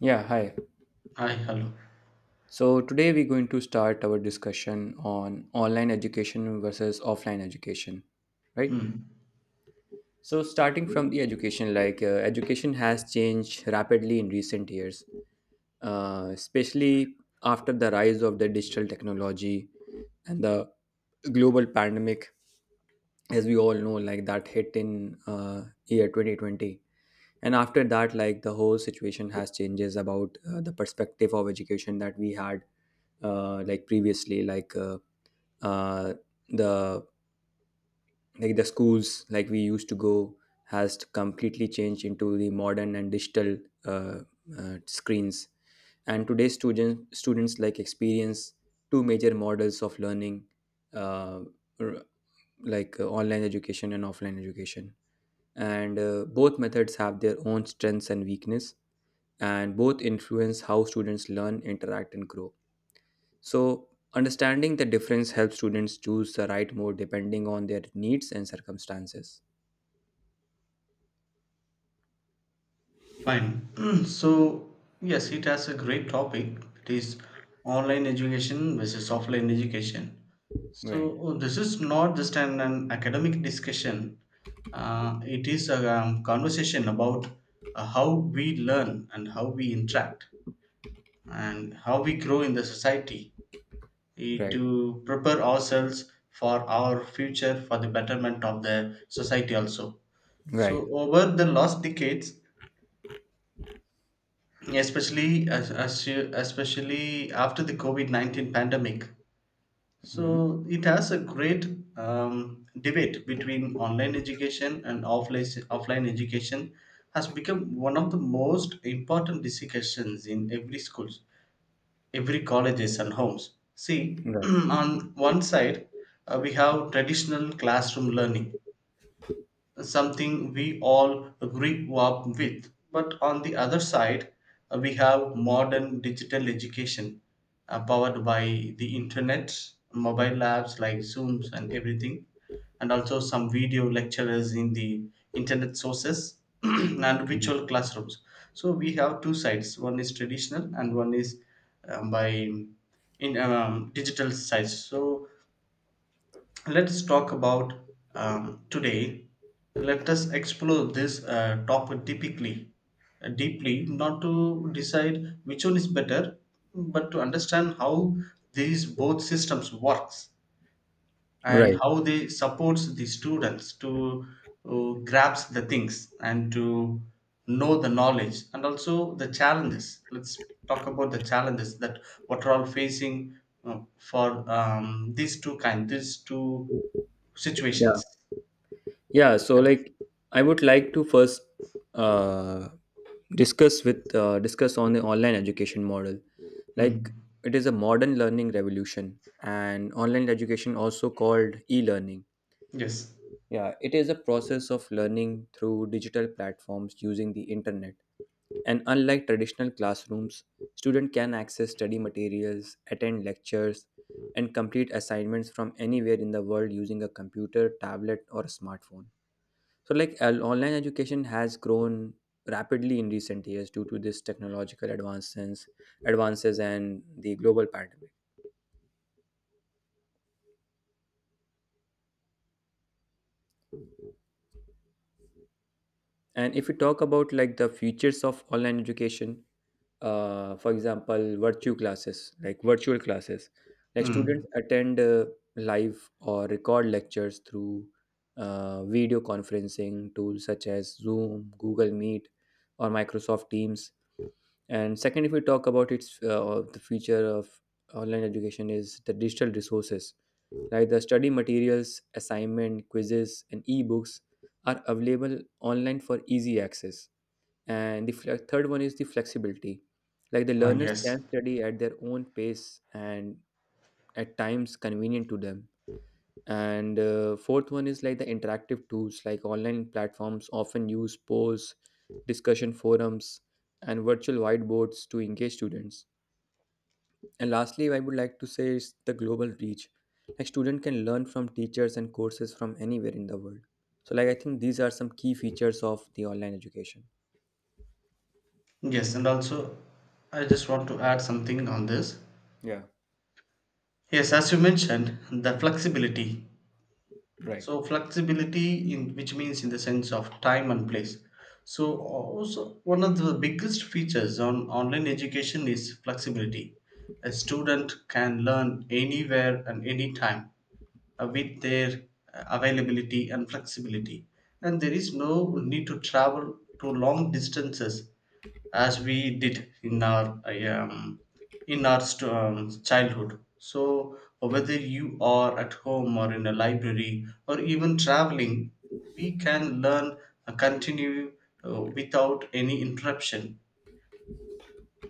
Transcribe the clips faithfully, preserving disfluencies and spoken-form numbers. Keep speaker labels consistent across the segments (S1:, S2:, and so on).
S1: Yeah, hi.
S2: Hi, hello.
S1: So today we're going to start our discussion on online education versus offline education, right?
S2: Mm,
S1: So starting from the education, like uh, education has changed rapidly in recent years, uh, especially after the rise of the digital technology and the global pandemic, as we all know, like that hit in uh, year twenty twenty. And after that, like the whole situation has changes about uh, the perspective of education that we had, uh, like previously, like uh, uh, the like the schools like we used to go has completely changed into the modern and digital uh, uh, screens, and today's student, students like experience two major models of learning, uh, r- like uh, online education and offline education, and uh, both methods have their own strengths and weakness, and both influence how students learn, interact, and grow. So, understanding the difference helps students choose the right mode depending on their needs and circumstances.
S2: fine. so, yes, it has a great topic. It is online education versus offline education.
S1: Right,
S2: So, oh, this is not just an, an academic discussion, uh, it is a um, conversation about uh, how we learn and how we interact and how we grow in the society eh,
S1: right,
S2: to prepare ourselves for our future, for the betterment of the society also.
S1: right.
S2: So, over the last decades, especially as, as you, especially after the COVID nineteen pandemic,
S1: Mhm.
S2: so it has a great um, debate between online education and offline offline education, has become one of the most important discussions in every schools, every colleges and homes. See,
S1: Right,
S2: on one side uh, we have traditional classroom learning, something we all grew up with. But on the other side, uh, we have modern digital education, uh, powered by the internet, mobile apps like Zooms and everything, and also some video lecturers in the internet sources, and virtual classrooms. So we have two sides: one is traditional and one is um, by in um, digital sides. So let's talk about um, today. Let us explore this uh, topic typically uh, deeply, not to decide which one is better but to understand how these both systems works and
S1: right.
S2: how they supports the students to uh, grasp the things and to know the knowledge, and also the challenges. Let's talk about the challenges that what are all facing uh, for um, these two kind these two
S1: Yeah,
S2: situations.
S1: yeah. So,
S2: Yeah.
S1: like, I would like to first uh, discuss with uh, discuss on the online education model. Like,
S2: Mm.
S1: it is a modern learning revolution, and online education also called e-learning.
S2: Yes.
S1: Yeah, it is a process of learning through digital platforms using the internet. And unlike traditional classrooms, students can access study materials, attend lectures, and complete assignments from anywhere in the world using a computer, tablet, or a smartphone. So, like al- online education has grown rapidly in recent years due to this technological advancements, advances and the global pandemic. And if we talk about like the features of online education, uh, for example, virtual classes, like virtual classes. Like students
S2: Mm.
S1: attend uh, live or record lectures through uh, video conferencing tools such as Zoom, Google Meet, or Microsoft Teams. And second, if we talk about its, uh, the future of online education is the digital resources, like the study materials, assignment, quizzes, and e-books are available online for easy access. And the fle- third one is the flexibility, like the
S2: Uh,
S1: learners can
S2: yes.
S1: study at their own pace and at times convenient to them. And uh, fourth one is like the interactive tools, like online platforms often use polls, discussion forums, and virtual whiteboards to engage students. And lastly, I would like to say is the global reach, like student can learn from teachers and courses from anywhere in the world. So like I think these are some key features of the online education.
S2: Yes. And also, I just want to add something on this.
S1: Yeah,
S2: Yes, as you mentioned, the flexibility.
S1: right.
S2: So flexibility, in which means in the sense of time and place. So also one of the biggest features on online education is flexibility. A student can learn anywhere and anytime uh, with their uh, availability and flexibility. And there is no need to travel to long distances as we did in our um, in our st- um, childhood. So whether you are at home or in a library or even traveling, we can learn uh, continue uh, without any interruption,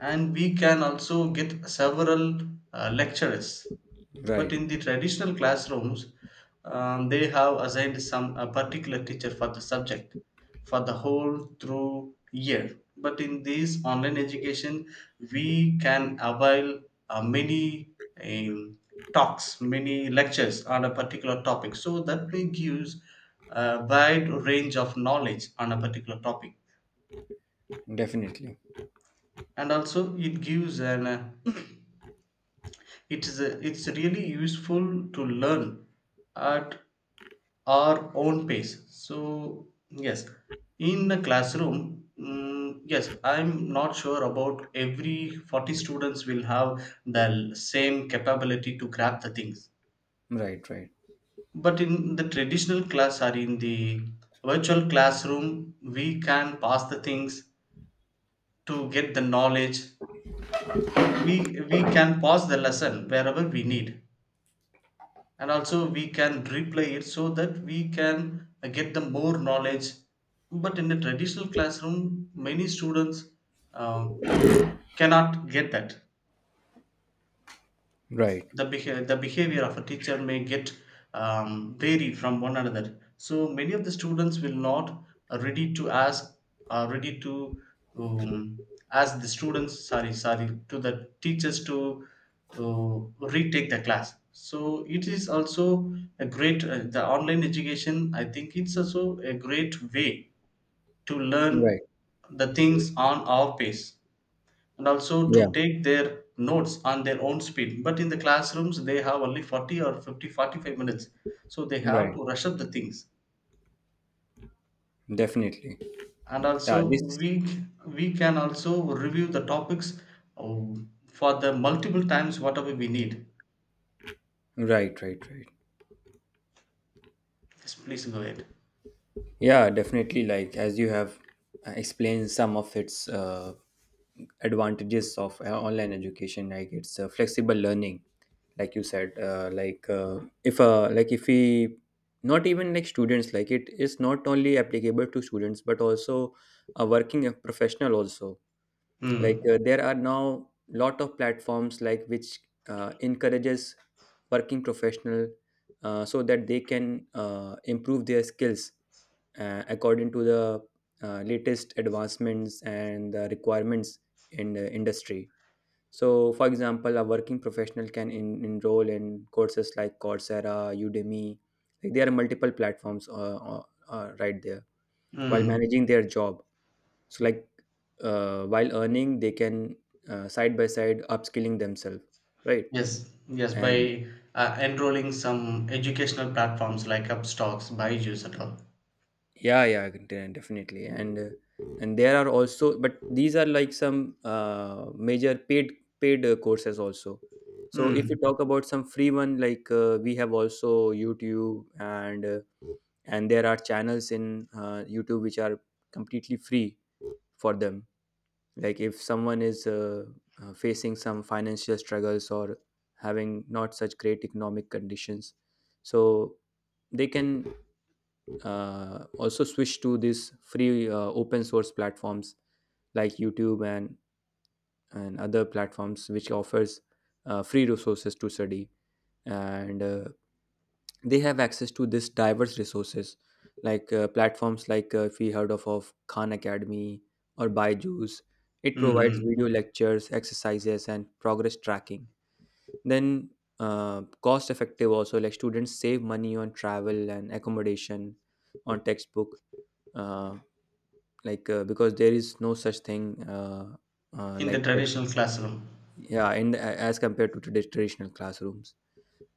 S2: and we can also get several uh, lecturers, but
S1: Right.
S2: in the traditional classrooms, um, they have assigned some a particular teacher for the subject for the whole through year. But in this online education we can avail uh, many um, talks many lectures on a particular topic, so that may gives a wide range of knowledge on a particular topic.
S1: Definitely.
S2: And also it gives an uh, it is a, it's really useful to learn at our own pace. So yes, in the classroom, mm, yes, I'm not sure about every forty students will have the same capability to grab the things.
S1: Right, right.
S2: But in the traditional class or in the virtual classroom we can pass the things to get the knowledge. We we can pause the lesson wherever we need, and also we can replay it so that we can uh, get the more knowledge. But in the traditional classroom many students uh, cannot get that.
S1: Right.
S2: The beha- the behavior of a teacher may get um, vary from one another, so many of the students will not are ready to ask, are ready to um, ask the students, sorry, sorry, to the teachers to uh, retake the class. So it is also a great, uh, the online education, I think it's also a great way to learn
S1: Right.
S2: the things on our pace, and also
S1: Yeah.
S2: to take their notes on their own speed. But in the classrooms they have only forty or fifty, forty-five minutes, so they have
S1: Right.
S2: to rush up the things.
S1: Definitely.
S2: And also
S1: Yeah, this,
S2: we we can also review the topics um, for the multiple times whatever we need.
S1: right, right, right.
S2: Yes, please go ahead.
S1: Yeah, definitely, like as you have uh, explained some of its uh, advantages of uh, online education, like it's uh, flexible learning. Like you said, uh, like uh, if uh, like if we, not even like students, like it is not only applicable to students but also a working professional also. Like,
S2: Mm.
S1: uh, there are now lot of platforms like which uh, encourages working professional, uh, so that they can uh, improve their skills uh, according to the uh, latest advancements and the requirements in the industry. So for example, a working professional can in, enroll in courses like Coursera, Udemy. Like there are multiple platforms uh, uh, uh, right there while
S2: Mm.
S1: managing their job. So like, uh, while earning they can uh, side by side upskilling themselves, right.
S2: Yes, yes, by
S1: And
S2: uh, enrolling some educational platforms like upstocks, byju's and all.
S1: yeah, yeah, de- definitely. And uh, and there are also, but these are like some uh, major paid paid uh, courses also. So if you
S2: Mm.
S1: talk about some free one, like uh, we have also YouTube, and uh, and there are channels in uh, YouTube which are completely free for them. Like if someone is uh, uh, facing some financial struggles or having not such great economic conditions, so they can uh, also switch to these free uh, open source platforms like YouTube and and other platforms which offers uh, free resources to study. And uh, they have access to this diverse resources, like uh, platforms like, uh, if we heard of, of Khan Academy or Byju's, it
S2: Mm.
S1: provides
S2: Mm.
S1: video lectures, exercises, and progress tracking. Then uh, cost effective also, like students save money on travel and accommodation, on textbook, uh, like uh, because there is no such thing, uh, uh,
S2: In the
S1: like like-
S2: traditional classroom.
S1: yeah, in the, as compared to tradi- traditional classrooms.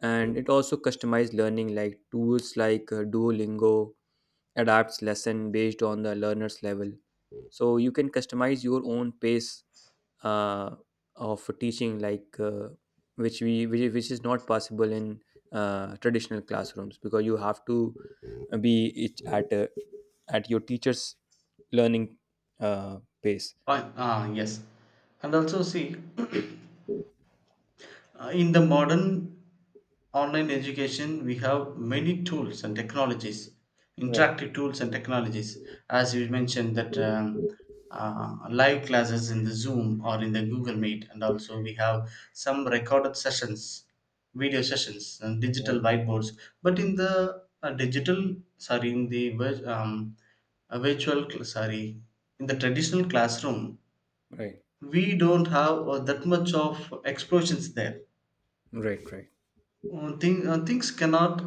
S1: And it also customized learning, like tools like uh, Duolingo adapts lesson based on the learner's level, so you can customize your own pace uh, of teaching. Like, uh, which we which, is- which is not possible in uh, traditional classrooms, because you have to be it at uh, at your teacher's learning uh, pace.
S2: Right. Ah, yes. And also see, uh, in the modern online education, we have many tools and technologies,
S1: Right,
S2: interactive tools and technologies. As you mentioned that um, uh, live classes in the Zoom or in the Google Meet, and also we have some recorded sessions, video sessions, and digital
S1: right,
S2: whiteboards. But in the uh, digital, sorry, in the vir- um, a virtual cl- sorry in the traditional classroom
S1: right,
S2: we don't have uh, that much of explosions there.
S1: right, right,
S2: Uh, thing, uh, things cannot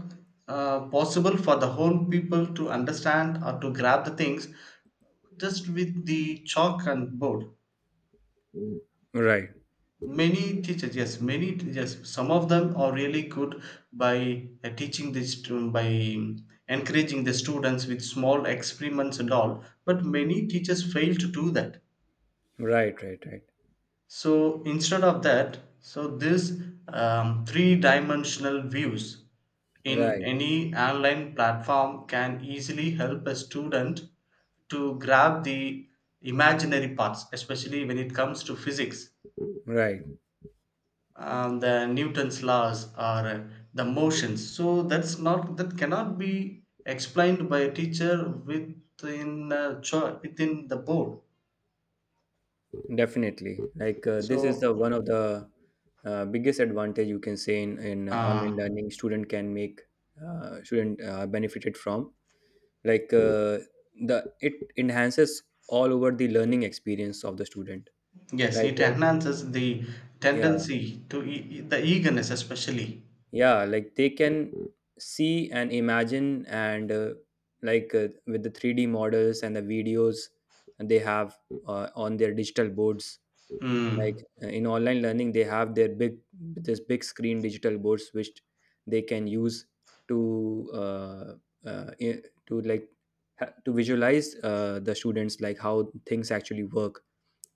S2: uh, possible for the whole people to understand or to grab the things just with the chalk and board.
S1: right, right,
S2: Many teachers, yes, many teachers, some of them are really good by uh, teaching the stu- by encouraging the students with small experiments and all. But many teachers fail to do that,
S1: right, right,
S2: so instead of that, so this um, three-dimensional views in
S1: right,
S2: any online platform can easily help a student to grab the imaginary parts, especially when it comes to physics,
S1: right.
S2: um, the newton's laws or uh, the motions, so that's not, that cannot be explained by a teacher within uh, cho- within the board.
S1: Definitely. Like uh, this is the
S2: so
S1: one of the uh, biggest advantage, you can say, in, in uh,
S2: uh,
S1: online learning, student can make uh, student uh, benefited from, like uh, the, it enhances all over the learning experience of the student,
S2: Yes,
S1: like
S2: it
S1: uh,
S2: enhances the
S1: yeah,
S2: tendency to e- e, the eagerness, especially.
S1: yeah, like they can see and imagine and, uh, like uh, with the three d models and the videos they have uh, on their digital boards, like
S2: Hmm.
S1: uh, in online learning they have their big, this big screen digital boards which they can use to uh, uh, i- to like ha- to visualize uh, the students, like how things actually work,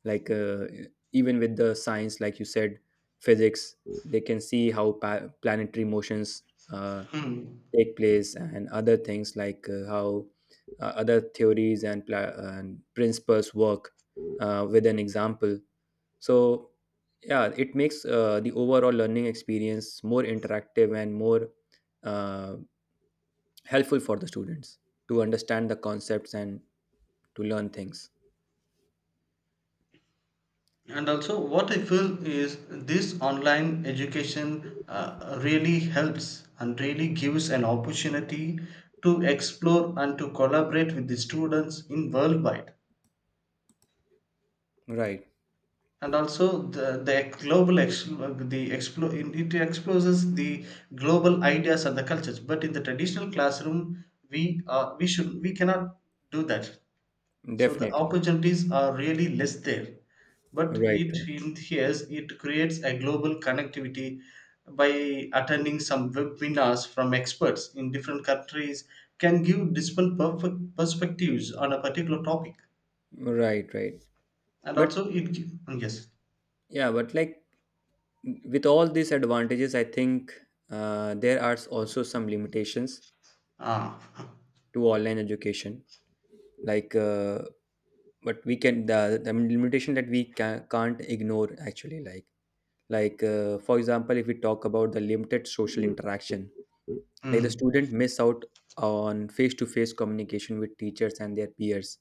S1: like uh, even with the science, like you said, physics, they can see how pa- planetary motions uh,
S2: Hmm.
S1: take place, and other things, like uh, how uh, other theories and, pla- and principles work uh, with an example. So yeah, it makes uh, the overall learning experience more interactive and more uh, helpful for the students to understand the concepts and to learn things,
S2: And also, what I feel is this online education uh, really helps and really gives an opportunity to explore and to collaborate with the students in worldwide.
S1: right?
S2: And also, the, the global ex- the explo- it exposes the global ideas and the cultures. But in the traditional classroom, we uh, we should we cannot do that. So the
S1: Definitely.
S2: opportunities are really less there. But
S1: Right,
S2: it
S1: right,
S2: in here's it creates a global connectivity by attending some webinars from experts in different countries, can give different perfect perspectives on a particular topic.
S1: right, right.
S2: And
S1: But
S2: also it gi- mm, yes.
S1: yeah, but like, with all these advantages I think uh, there are also some limitations
S2: Ah.
S1: to online education. Like, uh, but we can, the, the limitation that we ca- can't ignore actually. like like uh, for example, if we talk about the limited social interaction, like the
S2: Mm.
S1: student miss out on face to face communication with teachers and their peers.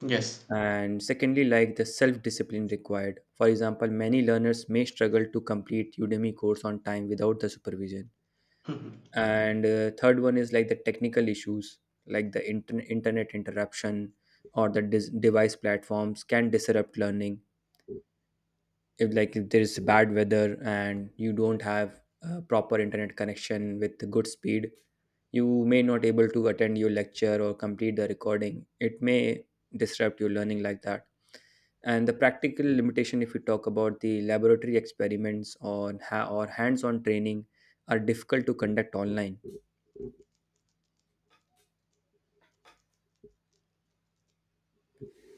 S2: Yes.
S1: And secondly, like the self discipline required, for example many learners may struggle to complete Udemy course on time without the supervision.
S2: Mhm.
S1: And uh, third one is like the technical issues, like the inter- internet interruption, or the dis- device platforms can disrupt learning. If, like, if there is bad weather and you don't have a proper internet connection with good speed, you may not able to attend your lecture or complete the recording. It may disrupt your learning, like that. And the practical limitation, if we talk about the laboratory experiments on ha- or hands-on training, are difficult to conduct online.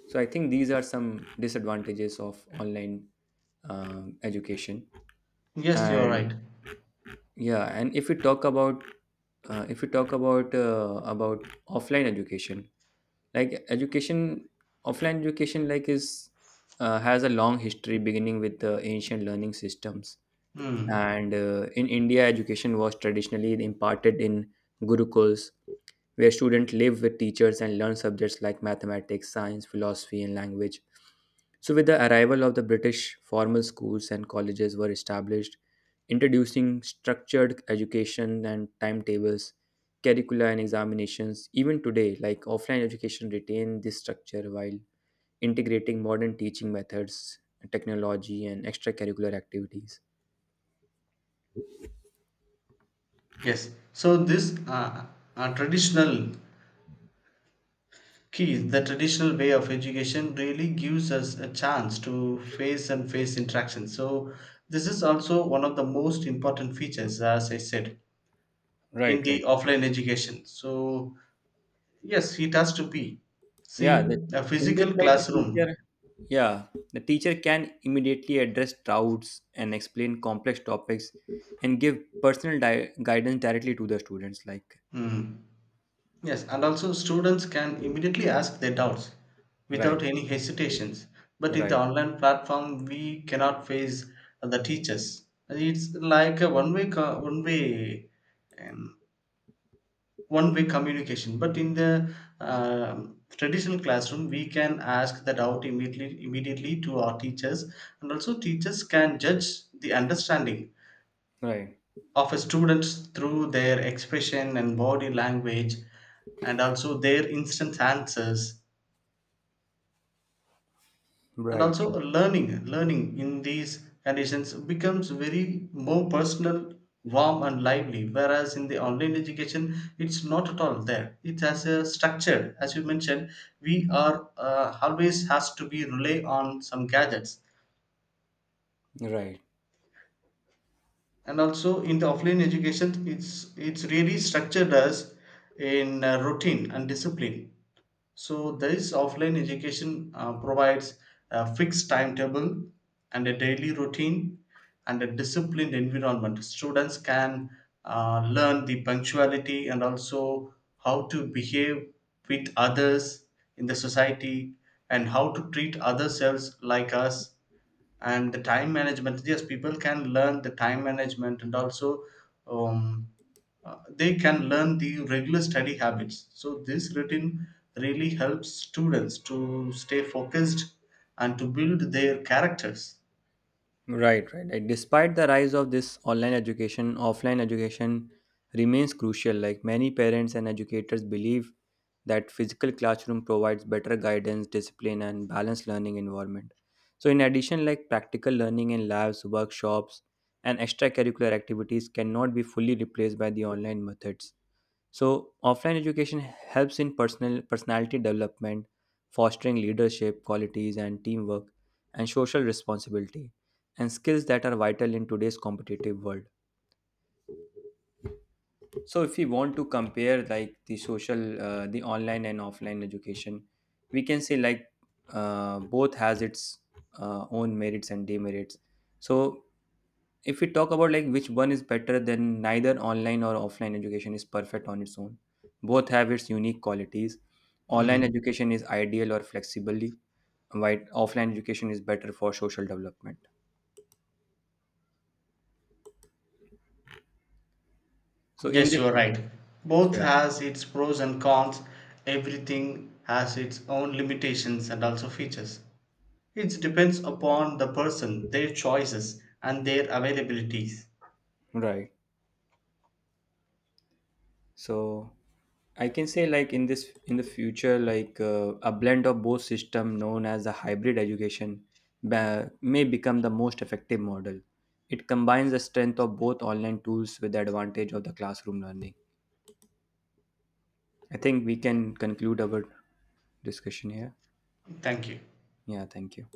S1: So I think these are some disadvantages of online um, education.
S2: Yes, you're
S1: And
S2: right.
S1: yeah, and if we talk about, uh, if we talk about uh, about offline education. Like, education offline education like is uh, has a long history beginning with the ancient learning systems,
S2: Mm.
S1: and uh, in India education was traditionally imparted in gurukuls, where students live with teachers and learn subjects like mathematics, science, philosophy, and language. So, with the arrival of the British, formal schools and colleges were established, introducing structured education and timetables, curricula, and examinations. Even today, like offline education retain this structure while integrating modern teaching methods, technology, and extracurricular activities.
S2: Yes. So this uh, uh, traditional key the traditional way of education really gives us a chance to face and face interaction, so this is also one of the most important features as I said in
S1: Right, right.
S2: the offline education. So yes, it has to be,
S1: Yeah,
S2: see,
S1: the,
S2: a
S1: in this
S2: physical
S1: slide, the
S2: classroom.
S1: teacher. Yeah, the teacher can immediately address doubts and explain complex topics and give personal di- guidance directly to the students. Like,
S2: Hmm. Yes, and also students can immediately ask their doubts without
S1: right,
S2: any hesitations. But in the
S1: right,
S2: online platform we cannot face the teachers. It's like a one way one way one way communication. But in the um traditional classroom we can ask that out immediately immediately to our teachers. And also teachers can judge the understanding
S1: right,
S2: of a students through their expression and body language, and also their instant answers. And
S1: right,
S2: also learning learning in these conditions becomes very more personal, warm and lively, whereas in the online education it's not at all there. It has a structure, as you mentioned, we are uh, always has to be rely on some gadgets.
S1: right.
S2: And also in the offline education it's it's really structured as in uh, routine and discipline. So there is offline education uh, provides a fixed timetable and a daily routine and a disciplined environment. Students can uh, learn the punctuality, and also how to behave with others in the society, and how to treat others else like us. And the time management, yes, people can learn the time management, and also um, uh, they can learn the regular study habits. So, this routine really helps students to stay focused and to build their characters.
S1: Right, right, right. Despite the rise of this online education, offline education remains crucial. Like, many parents and educators believe that physical classroom provides better guidance, discipline, and balanced learning environment. So, in addition, like practical learning in labs, workshops, and extracurricular activities cannot be fully replaced by the online methods. So offline education helps in personal personality development, fostering leadership qualities and teamwork and social responsibility and skills that are vital in today's competitive world. So if we want to compare like the social, uh, the online and offline education, we can say like, uh, both has its uh, own merits and demerits. So if we talk about like which one is better, then neither online or offline education is perfect on its own. Both have its unique qualities. Online
S2: Hmm.
S1: education is ideal or flexibly, while offline education is better for social development. So in
S2: Yes,
S1: this,
S2: you are right. Both
S1: yeah,
S2: has its pros and cons. Everything has its own limitations and also features. It depends upon the person, their choices, and their availabilities.
S1: right. So I can say, like, in this, in the future, like uh, a blend of both system, known as the hybrid education, ba- may become the most effective model. It combines the strength of both online tools with the advantage of the classroom learning. I think we can conclude our discussion here.
S2: Thank you.
S1: Yeah, thank you.